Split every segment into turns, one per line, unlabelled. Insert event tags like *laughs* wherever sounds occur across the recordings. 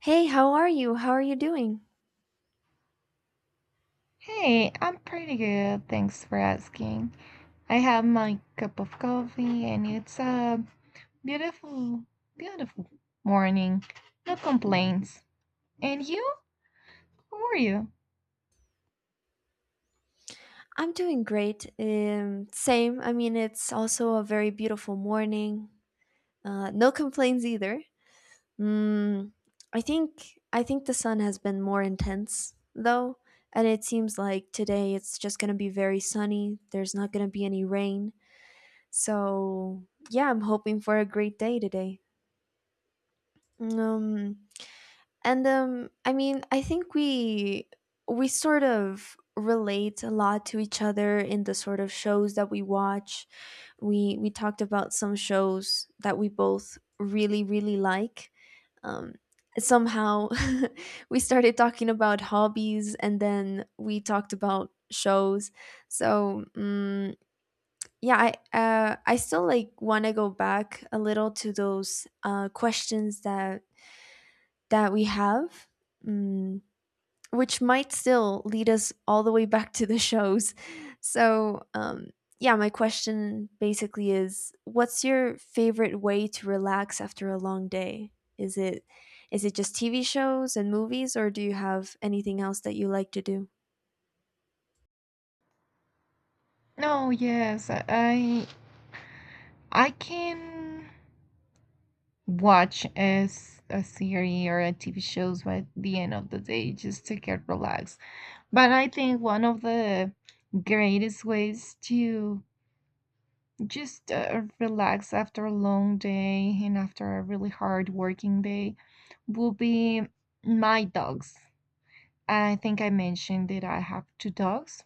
Hey, how are you? How are you doing?
Hey, I'm pretty good. Thanks for asking. I have my cup of coffee and it's a beautiful, beautiful morning. No complaints. And you? How are you?
I'm doing great. Same. I mean, it's also a very beautiful morning. No complaints either. Mm, I think the sun has been more intense though, and it seems like today it's just gonna be very sunny. There's not gonna be any rain. So yeah, I'm hoping for a great day today. Um, And I mean, I think we sort of relate a lot to each other in the sort of shows that we watch. We talked about some shows that we both really really like. Um, somehow *laughs* we started talking about hobbies, and then we talked about shows. So yeah, I still like want to go back a little to those questions that we have. Mm, which might still lead us all the way back to the shows. So, yeah, my question basically is what's your favorite way to relax after a long day? Is it is it just TV shows and movies or do you have anything else that you like to do?
No, yes, I can watch as a series or a TV shows by the end of the day just to get relaxed. But I think one of the greatest ways to just relax after a long day and after a really hard working day will be my dogs. I think I mentioned that I have two dogs,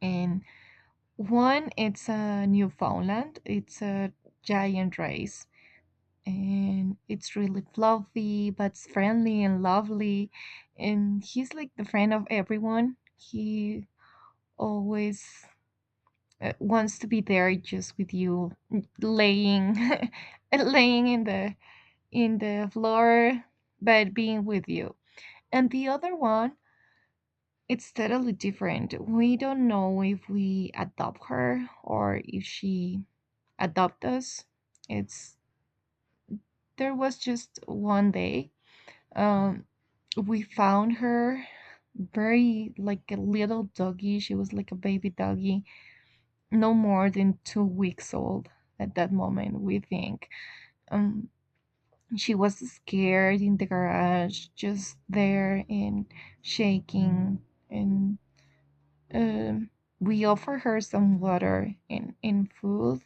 and one it's a Newfoundland. It's a giant race, and it's really fluffy, but it's friendly and lovely. And he's like the friend of everyone. He always wants to be there just with you laying *laughs* laying in the floor but being with you. And the other one, it's totally different. We don't know if we adopt her or if she adopt us. It's there was just one day, um we found her very like a little doggy. She was like a baby doggy no more than 2 weeks old at that moment, we think. Um, she was scared in the garage, just there and shaking. And um we offered her some water and food,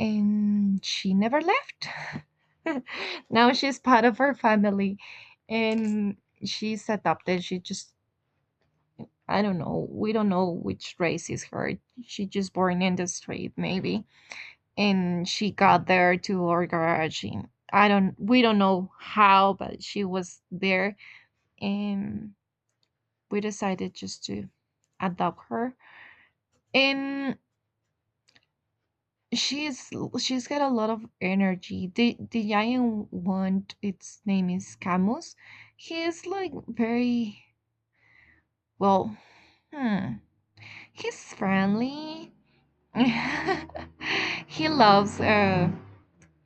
and she never left. *laughs* Now she's part of our family, and she's adopted. She just, I don't know. We don't know which race is her. She just born in the street, maybe. And she got there to our garage and I don't we don't know how, but she was there. And we decided just to adopt her. And she's she's got a lot of energy. The giant one, its name is Camus. He is like very, well, hmm, he's friendly. *laughs* He loves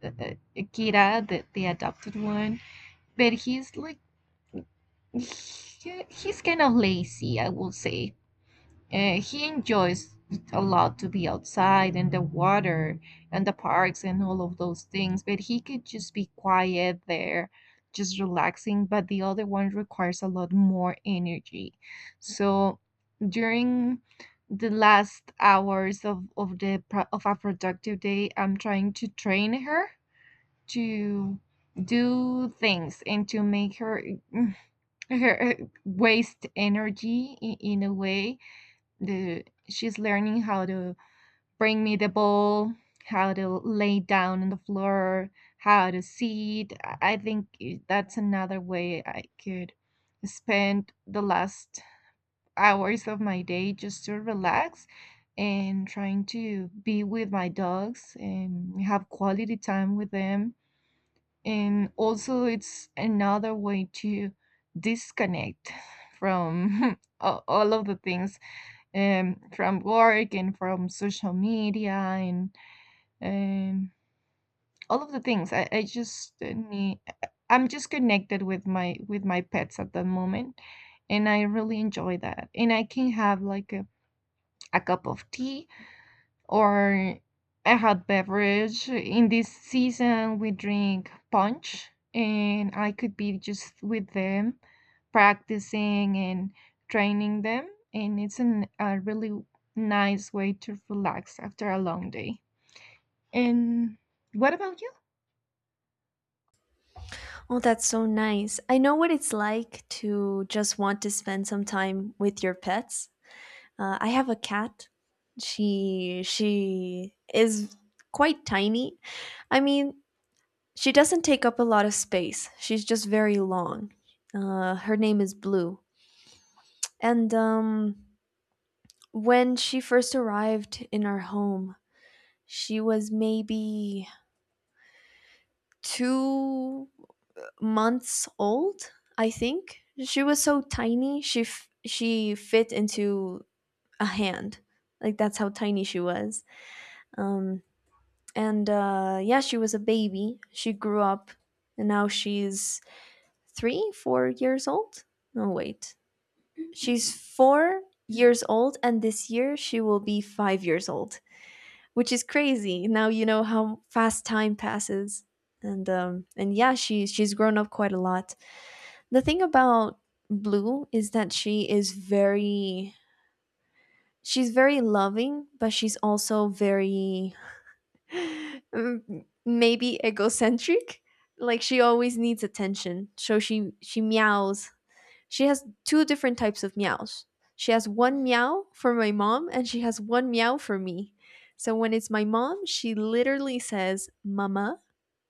uh, uh, Kira, the adopted one, but he's like, he's kind of lazy, I will say. He enjoys a lot to be outside and the water and the parks and all of those things, but he could just be quiet there, just relaxing. But the other one requires a lot more energy. So during the last hours of of a productive day, I'm trying to train her to do things and to make her *laughs* waste energy in a way. The She's learning how to bring me the ball, how to lay down on the floor, how to sit. I think that's another way I could spend the last hours of my day just to relax and trying to be with my dogs and have quality time with them. And also it's another way to disconnect from *laughs* all of the things, from work and from social media and um, all of the things I just need. I'm just connected with my pets at the moment, and I really enjoy that. And I can have like a cup of tea or a hot beverage. In this season, we drink punch, and I could be just with them, practicing and training them. And it's a really nice way to relax after a long day. And what about you?
Oh, that's so nice. I know what it's like to just want to spend some time with your pets. I have a cat. She is quite tiny. I mean, she doesn't take up a lot of space. She's just very long. Her name is Blue. And when she first arrived in our home, she was maybe 2 months old, I think. She was so tiny. She fit into a hand. Like that's how tiny she was. Um, and yeah, she was a baby. She grew up, and now she's 3, 4 years old. No, wait. She's 4 years old, and this year she will be 5 years old, which is crazy. Now you know how fast time passes, and yeah, she's grown up quite a lot. The thing about Blue is that she is very she's very loving, but she's also very *sighs* maybe egocentric. Like she always needs attention, so she meows, she has two different types of meows. She has one meow for my mom and she has one meow for me. So when it's my mom, she literally says mama.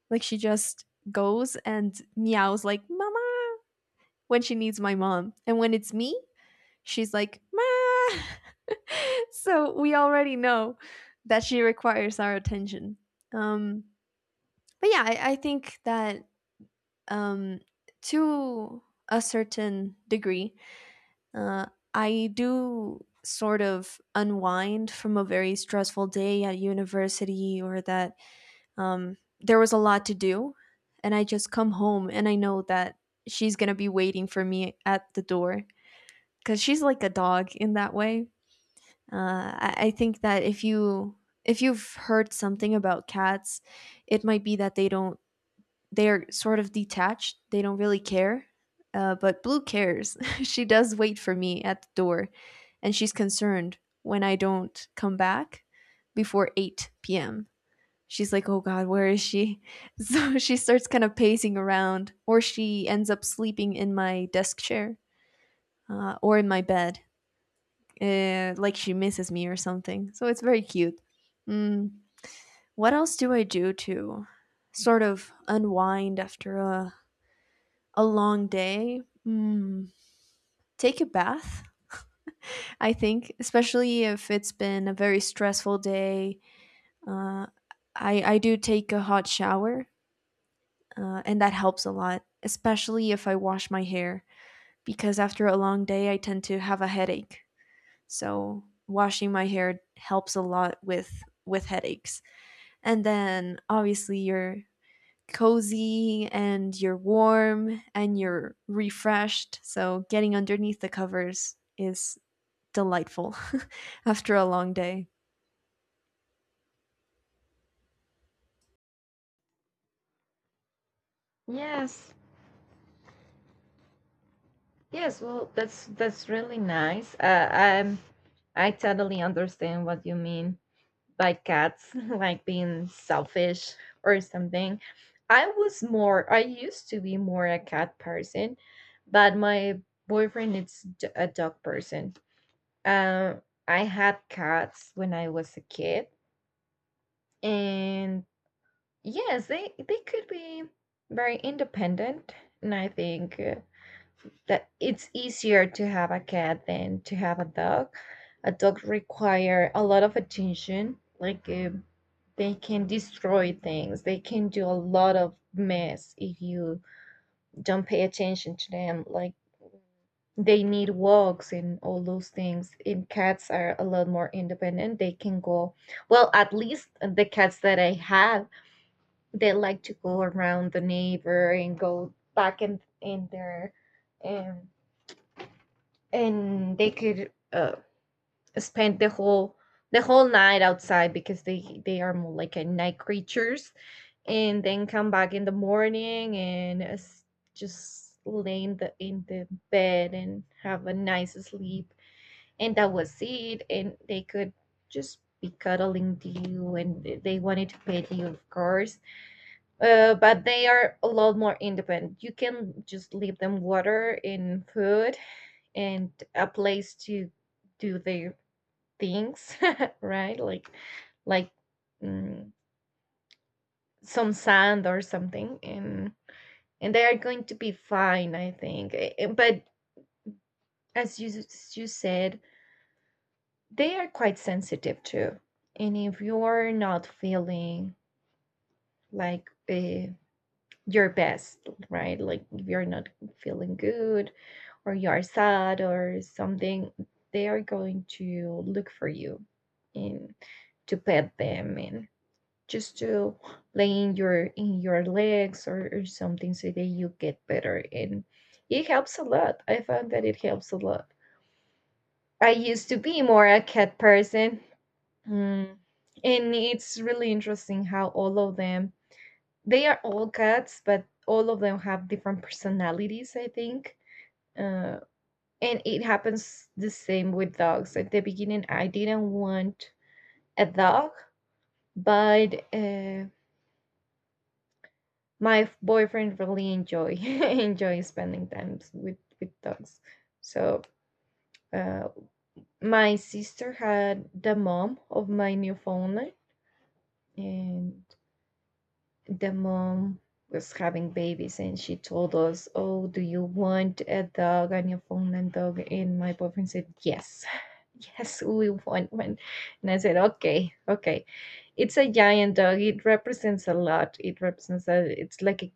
Like she just goes and meows like mama when she needs my mom. And when it's me, she's like ma. *laughs* so we already know that she requires our attention. Um, but yeah, I think that um, to a certain degree, Uh, I do sort of unwind from a very stressful day at university or that there was a lot to do. And I just come home and I know that she's going to be waiting for me at the door because she's like a dog in that way. Uh, I think that if you, if you've heard something about cats, it might be that they don't they're sort of detached. They don't really care. But Blue cares. *laughs* she does wait for me at the door, and she's concerned when I don't come back before 8 p.m. She's like, oh God, where is she? *laughs* So she starts kind of pacing around, or she ends up sleeping in my desk chair or in my bed, like she misses me or something. So it's very cute. Mm, what else do I do to sort of unwind after a long day? Take a bath. I think, especially if it's been a very stressful day, uh, I do take a hot shower, and that helps a lot. Especially if I wash my hair, because after a long day, I tend to have a headache. So washing my hair helps a lot with headaches. And then obviously your cozy and you're warm and you're refreshed. So, getting underneath the covers is delightful *laughs* after a long day.
Yes, yes. Well, that's really nice. Um, I totally understand what you mean, like cats, *laughs* like being selfish or something. I used to be more a cat person, but my boyfriend is a dog person. I had cats when I was a kid, and yes, they could be very independent. And I think that it's easier to have a cat than to have a dog. A dog require a lot of attention. Like they can destroy things. They can do a lot of mess if you don't pay attention to them. Like they need walks and all those things. And cats are a lot more independent. They can go, well, at least the cats that I have, they like to go around the neighbor and go back in their um, and they could spend the whole night outside because they are more like a night creatures, and then come back in the morning and just lay in the bed and have a nice sleep. And that was it. And they could just be cuddling to you and they wanted to pet you, of course. But they are a lot more independent. You can just leave them water and food and a place to do their things, *laughs* right? Like mm, some sand or something, and they are going to be fine, I think. But as you said, they are quite sensitive too. And if you are not feeling like your best, right? Like if you're not feeling good or you are sad or something, they are going to look for you and to pet them and just to lay in your legs or something so that you get better. And it helps a lot. I found that it helps a lot. I used to be more a cat person. Mm. And it's really interesting how all of them, they are all cats but all of them have different personalities, I think. Uh, And it happens the same with dogs. At the beginning, I didn't want a dog, but my boyfriend really enjoy *laughs* enjoy spending times with dogs. So uh, my sister had the mom of my Newfoundland, and the mom was having babies and she told us, "Oh, do you want a dog, a Newfoundland dog?" And my boyfriend said, "Yes, *laughs* yes, we want one." And I said, "Okay, okay." It's a giant dog. It represents a lot. It represents it's like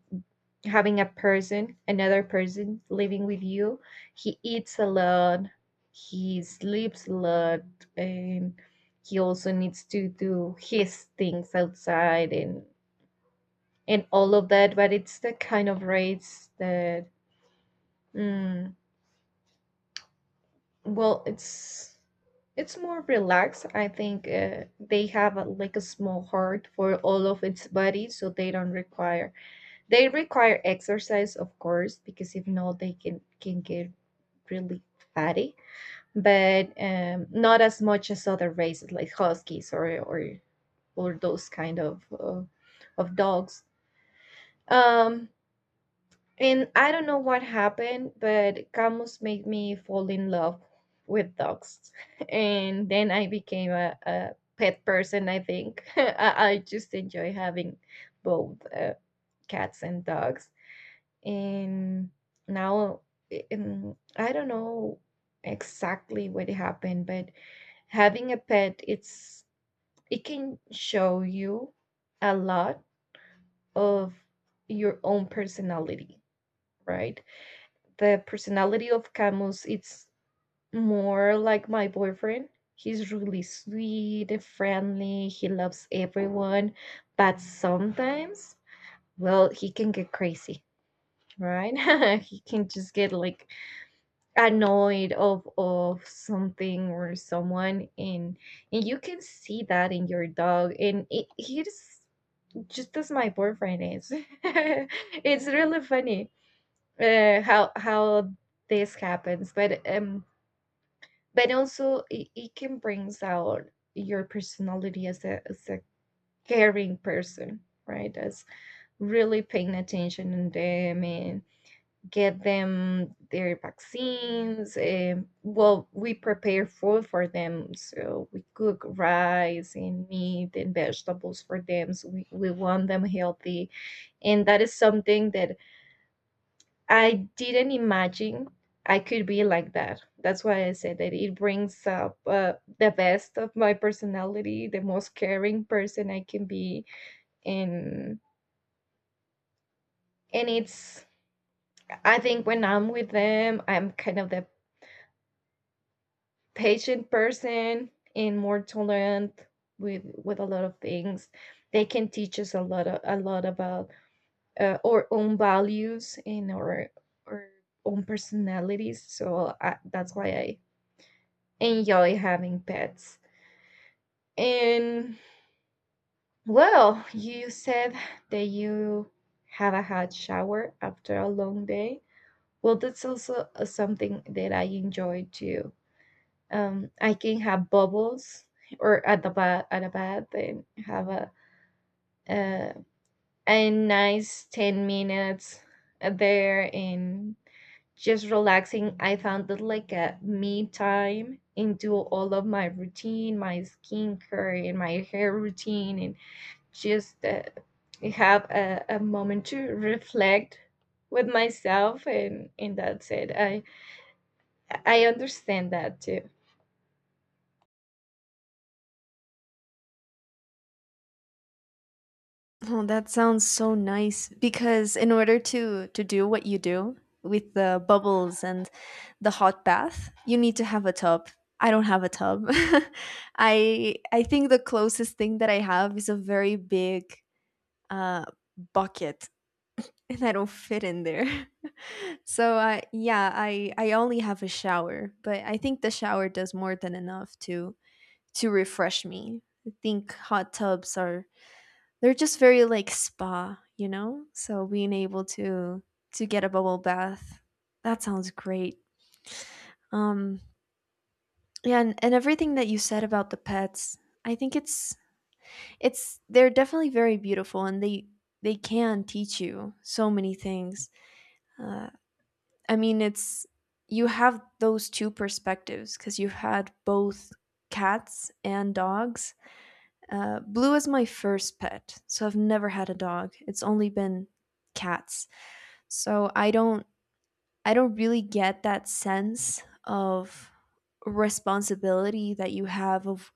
having a person, another person living with you. He eats a lot, he sleeps a lot, and he also needs to do his things outside and all of that. But it's the kind of race that, mm, well, it's more relaxed. I think they have like a small heart for all of its body, so they don't require, they require exercise, of course, because if not, they can get really fatty. But not as much as other races like huskies or or those kind of dogs. Um, And I don't know what happened, but Camus made me fall in love with dogs. *laughs* And then I became a pet person, I think. *laughs* I just enjoy having both cats and dogs. And now, I don't know exactly what happened, but having a pet, it's, it can show you a lot of your own personality, right? The personality of Camus, it's more like my boyfriend. He's really sweet and friendly. He loves everyone, but sometimes, well, he can get crazy, right? *laughs* He can just get like annoyed of something or someone, and you can see that in your dog. And it, he's just as my boyfriend is. *laughs* It's really funny how this happens, but also it can brings out your personality as a caring person, right? As really paying attention on them and get them their vaccines. And well, we prepare food for them, so we cook rice and meat and vegetables for them, so we want them healthy. And that is something that I didn't imagine I could be like that. That's why I said that it brings up the best of my personality, the most caring person I can be. and and it's, I think when I'm with them, I'm kind of the patient person and more tolerant with a lot of things. They can teach us a lot a lot about our own values and our own personalities. So that's why I enjoy having pets. And well, you said that you have a hot shower after a long day. Well, that's also something that I enjoy too. I can have bubbles or at the bath at a bath and have uh, a nice 10 minutes there and just relaxing. I found that like a me time into all of my routine, my skincare and my hair routine, and just have a moment to reflect with myself, and that's it. I understand that too.
Oh, that sounds so nice because in order to do what you do with the bubbles and the hot bath, you need to have a tub. I don't have a tub. *laughs* I think the closest thing that I have is a very big uh bucket *laughs* and I don't fit in there. *laughs* so I yeah, I only have a shower, but I think the shower does more than enough to refresh me. I think hot tubs are, they're just very like spa, you know? So being able to get a bubble bath, that sounds great. Um yeah, and everything that you said about the pets, I think it's they're definitely very beautiful and they can teach you so many things. Uh, I mean, it's, you have those two perspectives because you've had both cats and dogs. Blue is my first pet, so I've never had a dog. It's only been cats, so I don't really get that sense of responsibility that you have of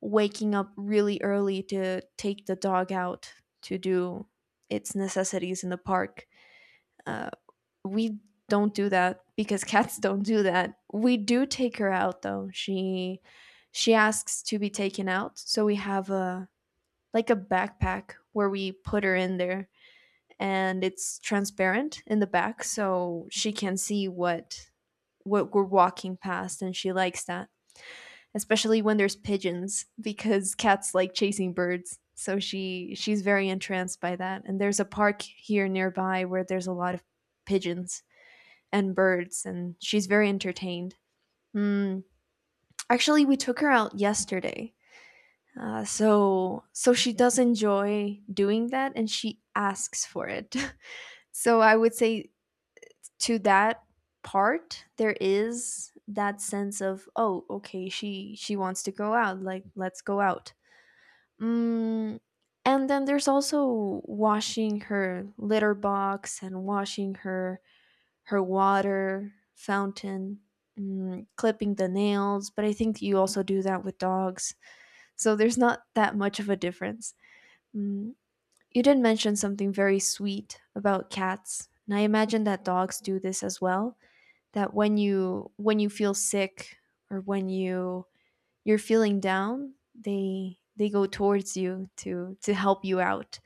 waking up really early to take the dog out to do its necessities in the park. Uh, we don't do that because *laughs* cats don't do that. We do take her out though. She asks to be taken out, so we have a, like a backpack where we put her in there and it's transparent in the back so she can see what we're walking past and she likes that, especially when there's pigeons because cats like chasing birds, so she's very entranced by that and there's a park here nearby where there's a lot of pigeons and birds, and she's very entertained. Mm, actually, we took her out yesterday, so she does enjoy doing that, and she asks for it. *laughs* so I would say to that part, there is that sense of, oh, okay, she wants to go out, like let's go out. Mm, and then there's also washing her litter box and washing her water fountain, clipping the nails, but I think you also do that with dogs. So there's not that much of a difference. Mm, you did mention something very sweet about cats, and I imagine that dogs do this as well. That when you feel sick or when you, you're feeling down, they go towards you to help you out.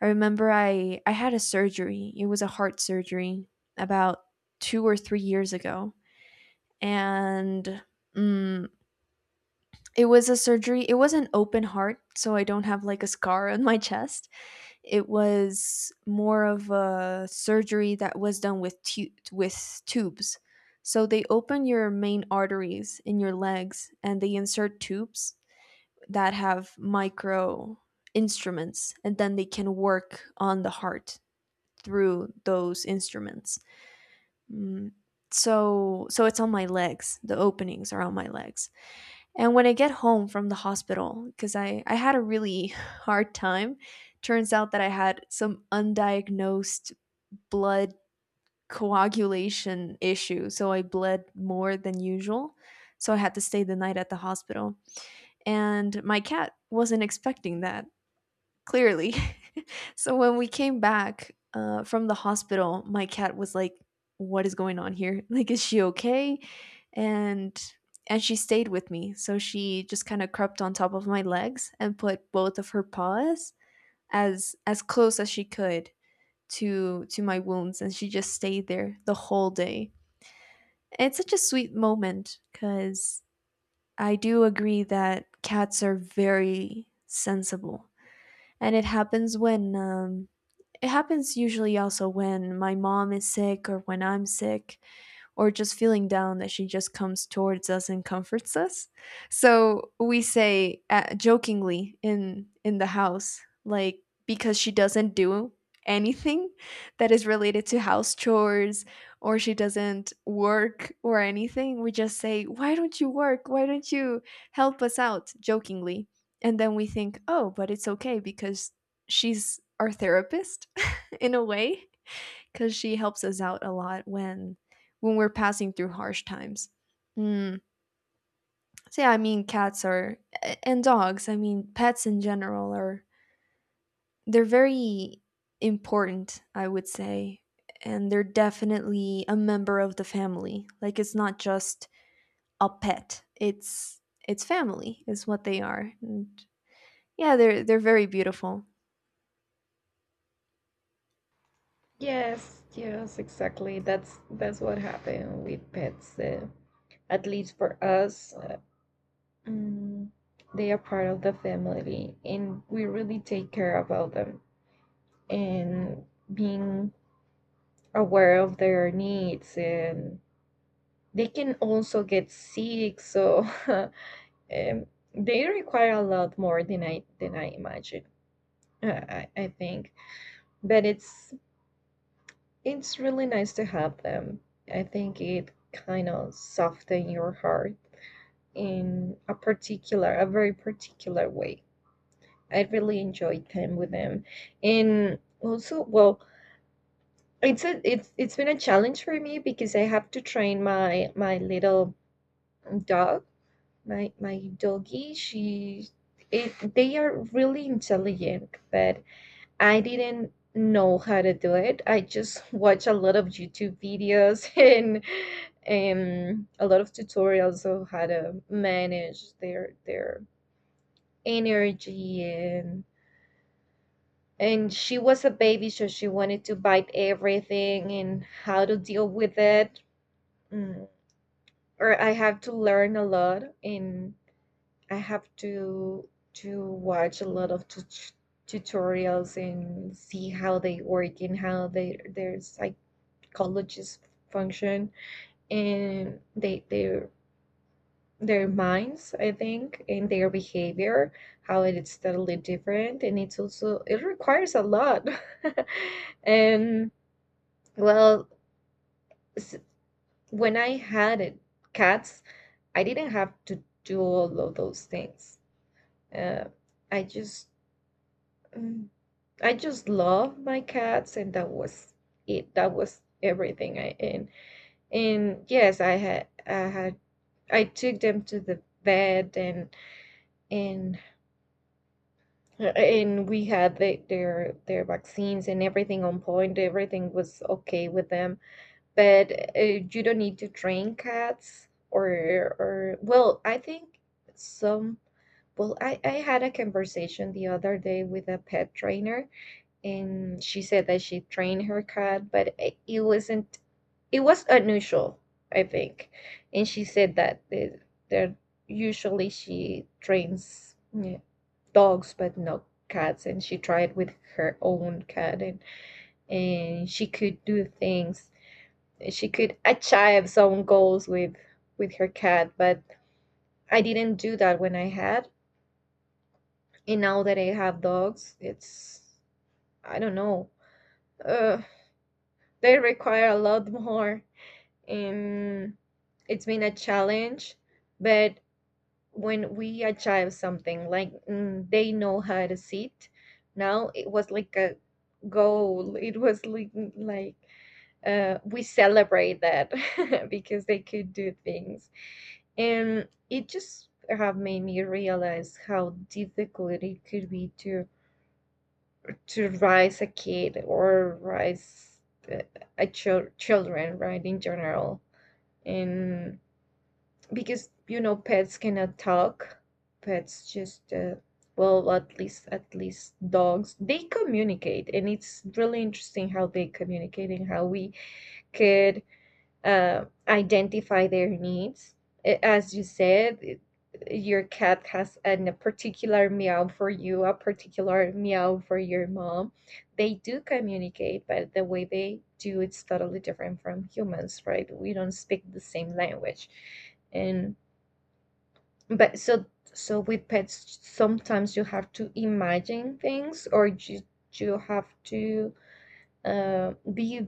I remember I had a surgery. It was a heart surgery about 2 or 3 years ago and mm, it was a surgery. It was an open heart, so I don't have like a scar on my chest. It was more of a surgery that was done with tubes. So they open your main arteries in your legs and they insert tubes that have micro instruments and then they can work on the heart through those instruments. Mm, so it's on my legs. The openings are on my legs. And when I get home from the hospital, because I had a really *laughs* hard time, turns out that I had some undiagnosed blood coagulation issue. So I bled more than usual. So I had to stay the night at the hospital. And my cat wasn't expecting that. Clearly. *laughs* so when we came back from the hospital, my cat was like, "What is going on here? *laughs* Like, is she okay?" And and she stayed with me. So she just kind of crept on top of my legs and put both of her paws as close as she could to my wounds and she just stayed there the whole day. It's such a sweet moment cuz I do agree that cats are very sensible. And it happens when it happens usually also when my mom is sick or when I'm sick or just feeling down that she just comes towards us and comforts us. So we say jokingly in the house like, because she doesn't do anything that is related to house chores or she doesn't work or anything, we just say, "Why don't you work? Why don't you help us out?" jokingly. And then we think, "Oh, but it's okay because she's our therapist in a way because she helps us out a lot when we're passing through harsh times. Mm. So yeah, I mean cats are and dogs. I mean pets in general are, they're very important, I would say, and they're definitely a member of the family. Like it's not just a pet. It's family is what they are. And yeah, they're very beautiful.
Yes, yes, exactly. That's what happened with pets. At least for us, mm, they are part of the family, and we really take care about them and being aware of their needs, and they can also get sick, so *laughs* um, they require a lot more than I imagine, I think. But it's really nice to have them. I think it kind of soften your heart in a very particular way. I really enjoy time with them. And also, well, it's it's been a challenge for me because I have to train my little dog, my doggy. They are really intelligent, but I didn't know how to do it. I just *laughs* watch a lot of YouTube videos *laughs* and a lot of tutorials of how to manage their energy. And and she was a baby, so she wanted to bite everything, and how to deal with it. Mm. Or I have to learn a lot, and I have to watch a lot of tutorials and see how they work and how they their psychologists function, and they their minds, I think, and their behavior, how it is totally different. And it's also, it requires a lot. *laughs* And well, s- when I had it, cats, I didn't have to do all of those things. Uh, I just mm, I just love my cats, and that was it. That was everything. I and yes, I had I took them to the vet, and and we had the, their vaccines, and everything on point. Everything was okay with them. But you don't need to train cats. Or well, I think some. Well, I had a conversation the other day with a pet trainer, and she said that she trained her cat, but it wasn't, it was unusual, I think. And she said that the- there usually she trains, yeah, dogs, but not cats, and she tried with her own cat, and she could do things, she could achieve some goals with her cat. But I didn't do that when I had. And now that I have dogs, it's I don't know. Uh, they require a lot more, and it's been a challenge. But when we achieve something, like, mm, they know how to sit, now it was like a goal. It was like we celebrate that *laughs* because they could do things, and it just have made me realize how difficult it could be to raise a kid, or raise uh, a children, right, in general. And because, you know, pets cannot talk, pets just, well, at least dogs, they communicate. And it's really interesting how they communicate, and how we could identify their needs. As you said, it- your cat has a particular meow for you, a particular meow for your mom. They do communicate, but the way they do it's totally different from humans, right? We don't speak the same language. And but so so with pets, sometimes you have to imagine things, or you have to be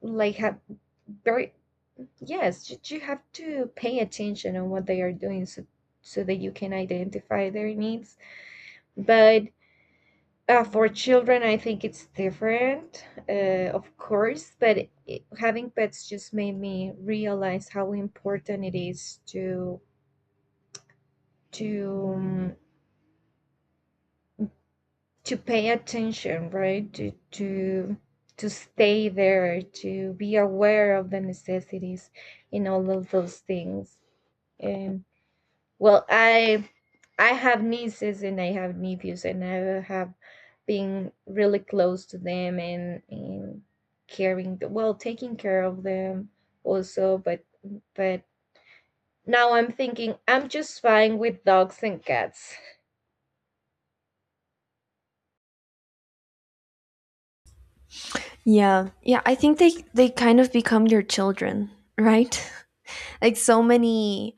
like have very. Yes, you have to pay attention on what they are doing, so so that you can identify their needs. But for children, I think it's different, of course. But it, having pets just made me realize how important it is to to um, to pay attention, right? To stay there, to be aware of the necessities, and all of those things. And. Well, I have nieces, and I have nephews, and I have been really close to them, and caring, well, taking care of them also. But now I'm thinking I'm just fine with dogs and cats.
Yeah. Yeah, I think they kind of become your children, right? Like so many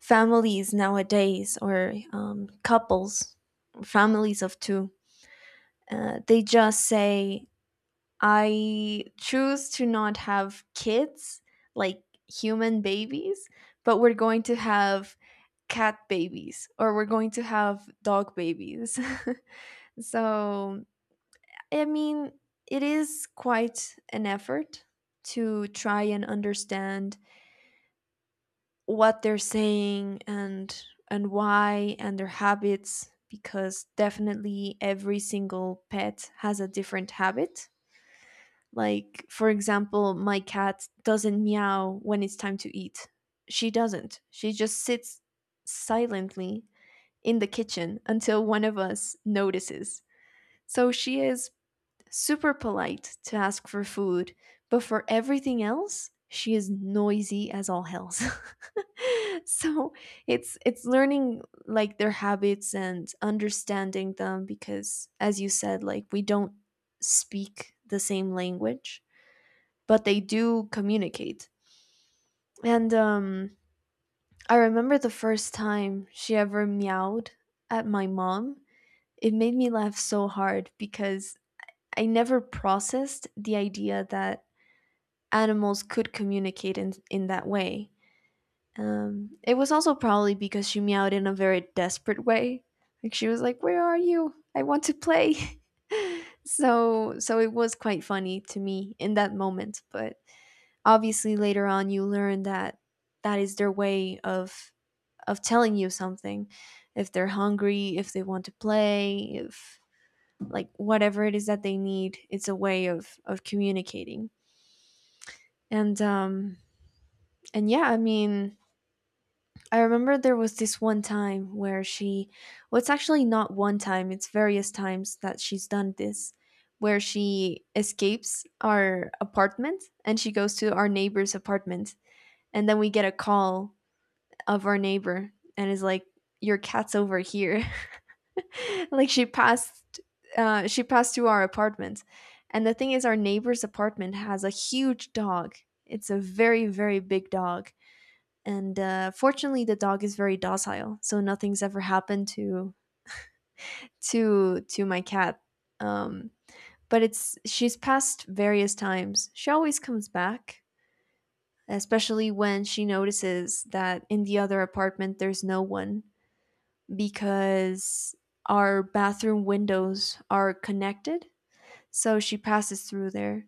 families nowadays or couples, families of two, they just say I choose to not have kids, like human babies, but we're going to have cat babies or we're going to have dog babies. *laughs* So I mean, it is quite an effort to try and understand what they're saying and why, and their habits, because definitely every single pet has a different habit. Like for example my cat doesn't meow when it's time to eat, she doesn't she just sits silently in the kitchen until one of us notices, so she is super polite to ask for food, but for everything else, she is noisy as all hells. *laughs* so it's learning like their habits and understanding them because as you said, like we don't speak the same language, but they do communicate. And I remember the first time she ever meowed at my mom. It made me laugh so hard because I never processed the idea that animals could communicate in that way. It was also probably because she meowed in a very desperate way. Like she was like, "Where are you? I want to play." *laughs* so so it was quite funny to me in that moment. But obviously later on, you learn that that is their way of telling you something. If they're hungry, if they want to play, if, like whatever it is that they need, it's a way of communicating. And um, and yeah, I mean, I remember there was this one time where she, well, it's actually not one time, it's various times that she's done this, where she escapes our apartment and she goes to our neighbor's apartment. And then we get a call of our neighbor and is like, your cat's over here. *laughs* Like she passed through our apartment. And the thing is, our neighbor's apartment has a huge dog. It's a very, very big dog and fortunately the dog is very docile so nothing's ever happened to my cat, um, but it's she's passed various times, she always comes back, especially when she notices that in the other apartment there's no one, because our bathroom windows are connected, so she passes through there.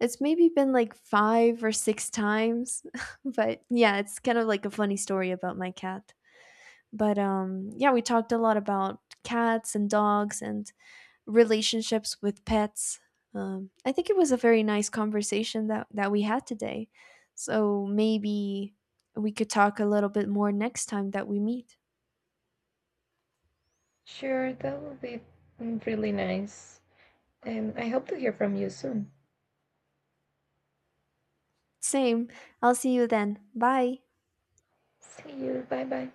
It's maybe been like 5 or 6 times. *laughs* But yeah, it's kind of like a funny story about my cat. But yeah, we talked a lot about cats and dogs and relationships with pets. I think it was a very nice conversation that, that we had today. So maybe we could talk a little bit more next time that we meet.
Sure, that would be really nice. And I hope to hear from you soon.
Same. I'll see you then. Bye.
See you. Bye bye.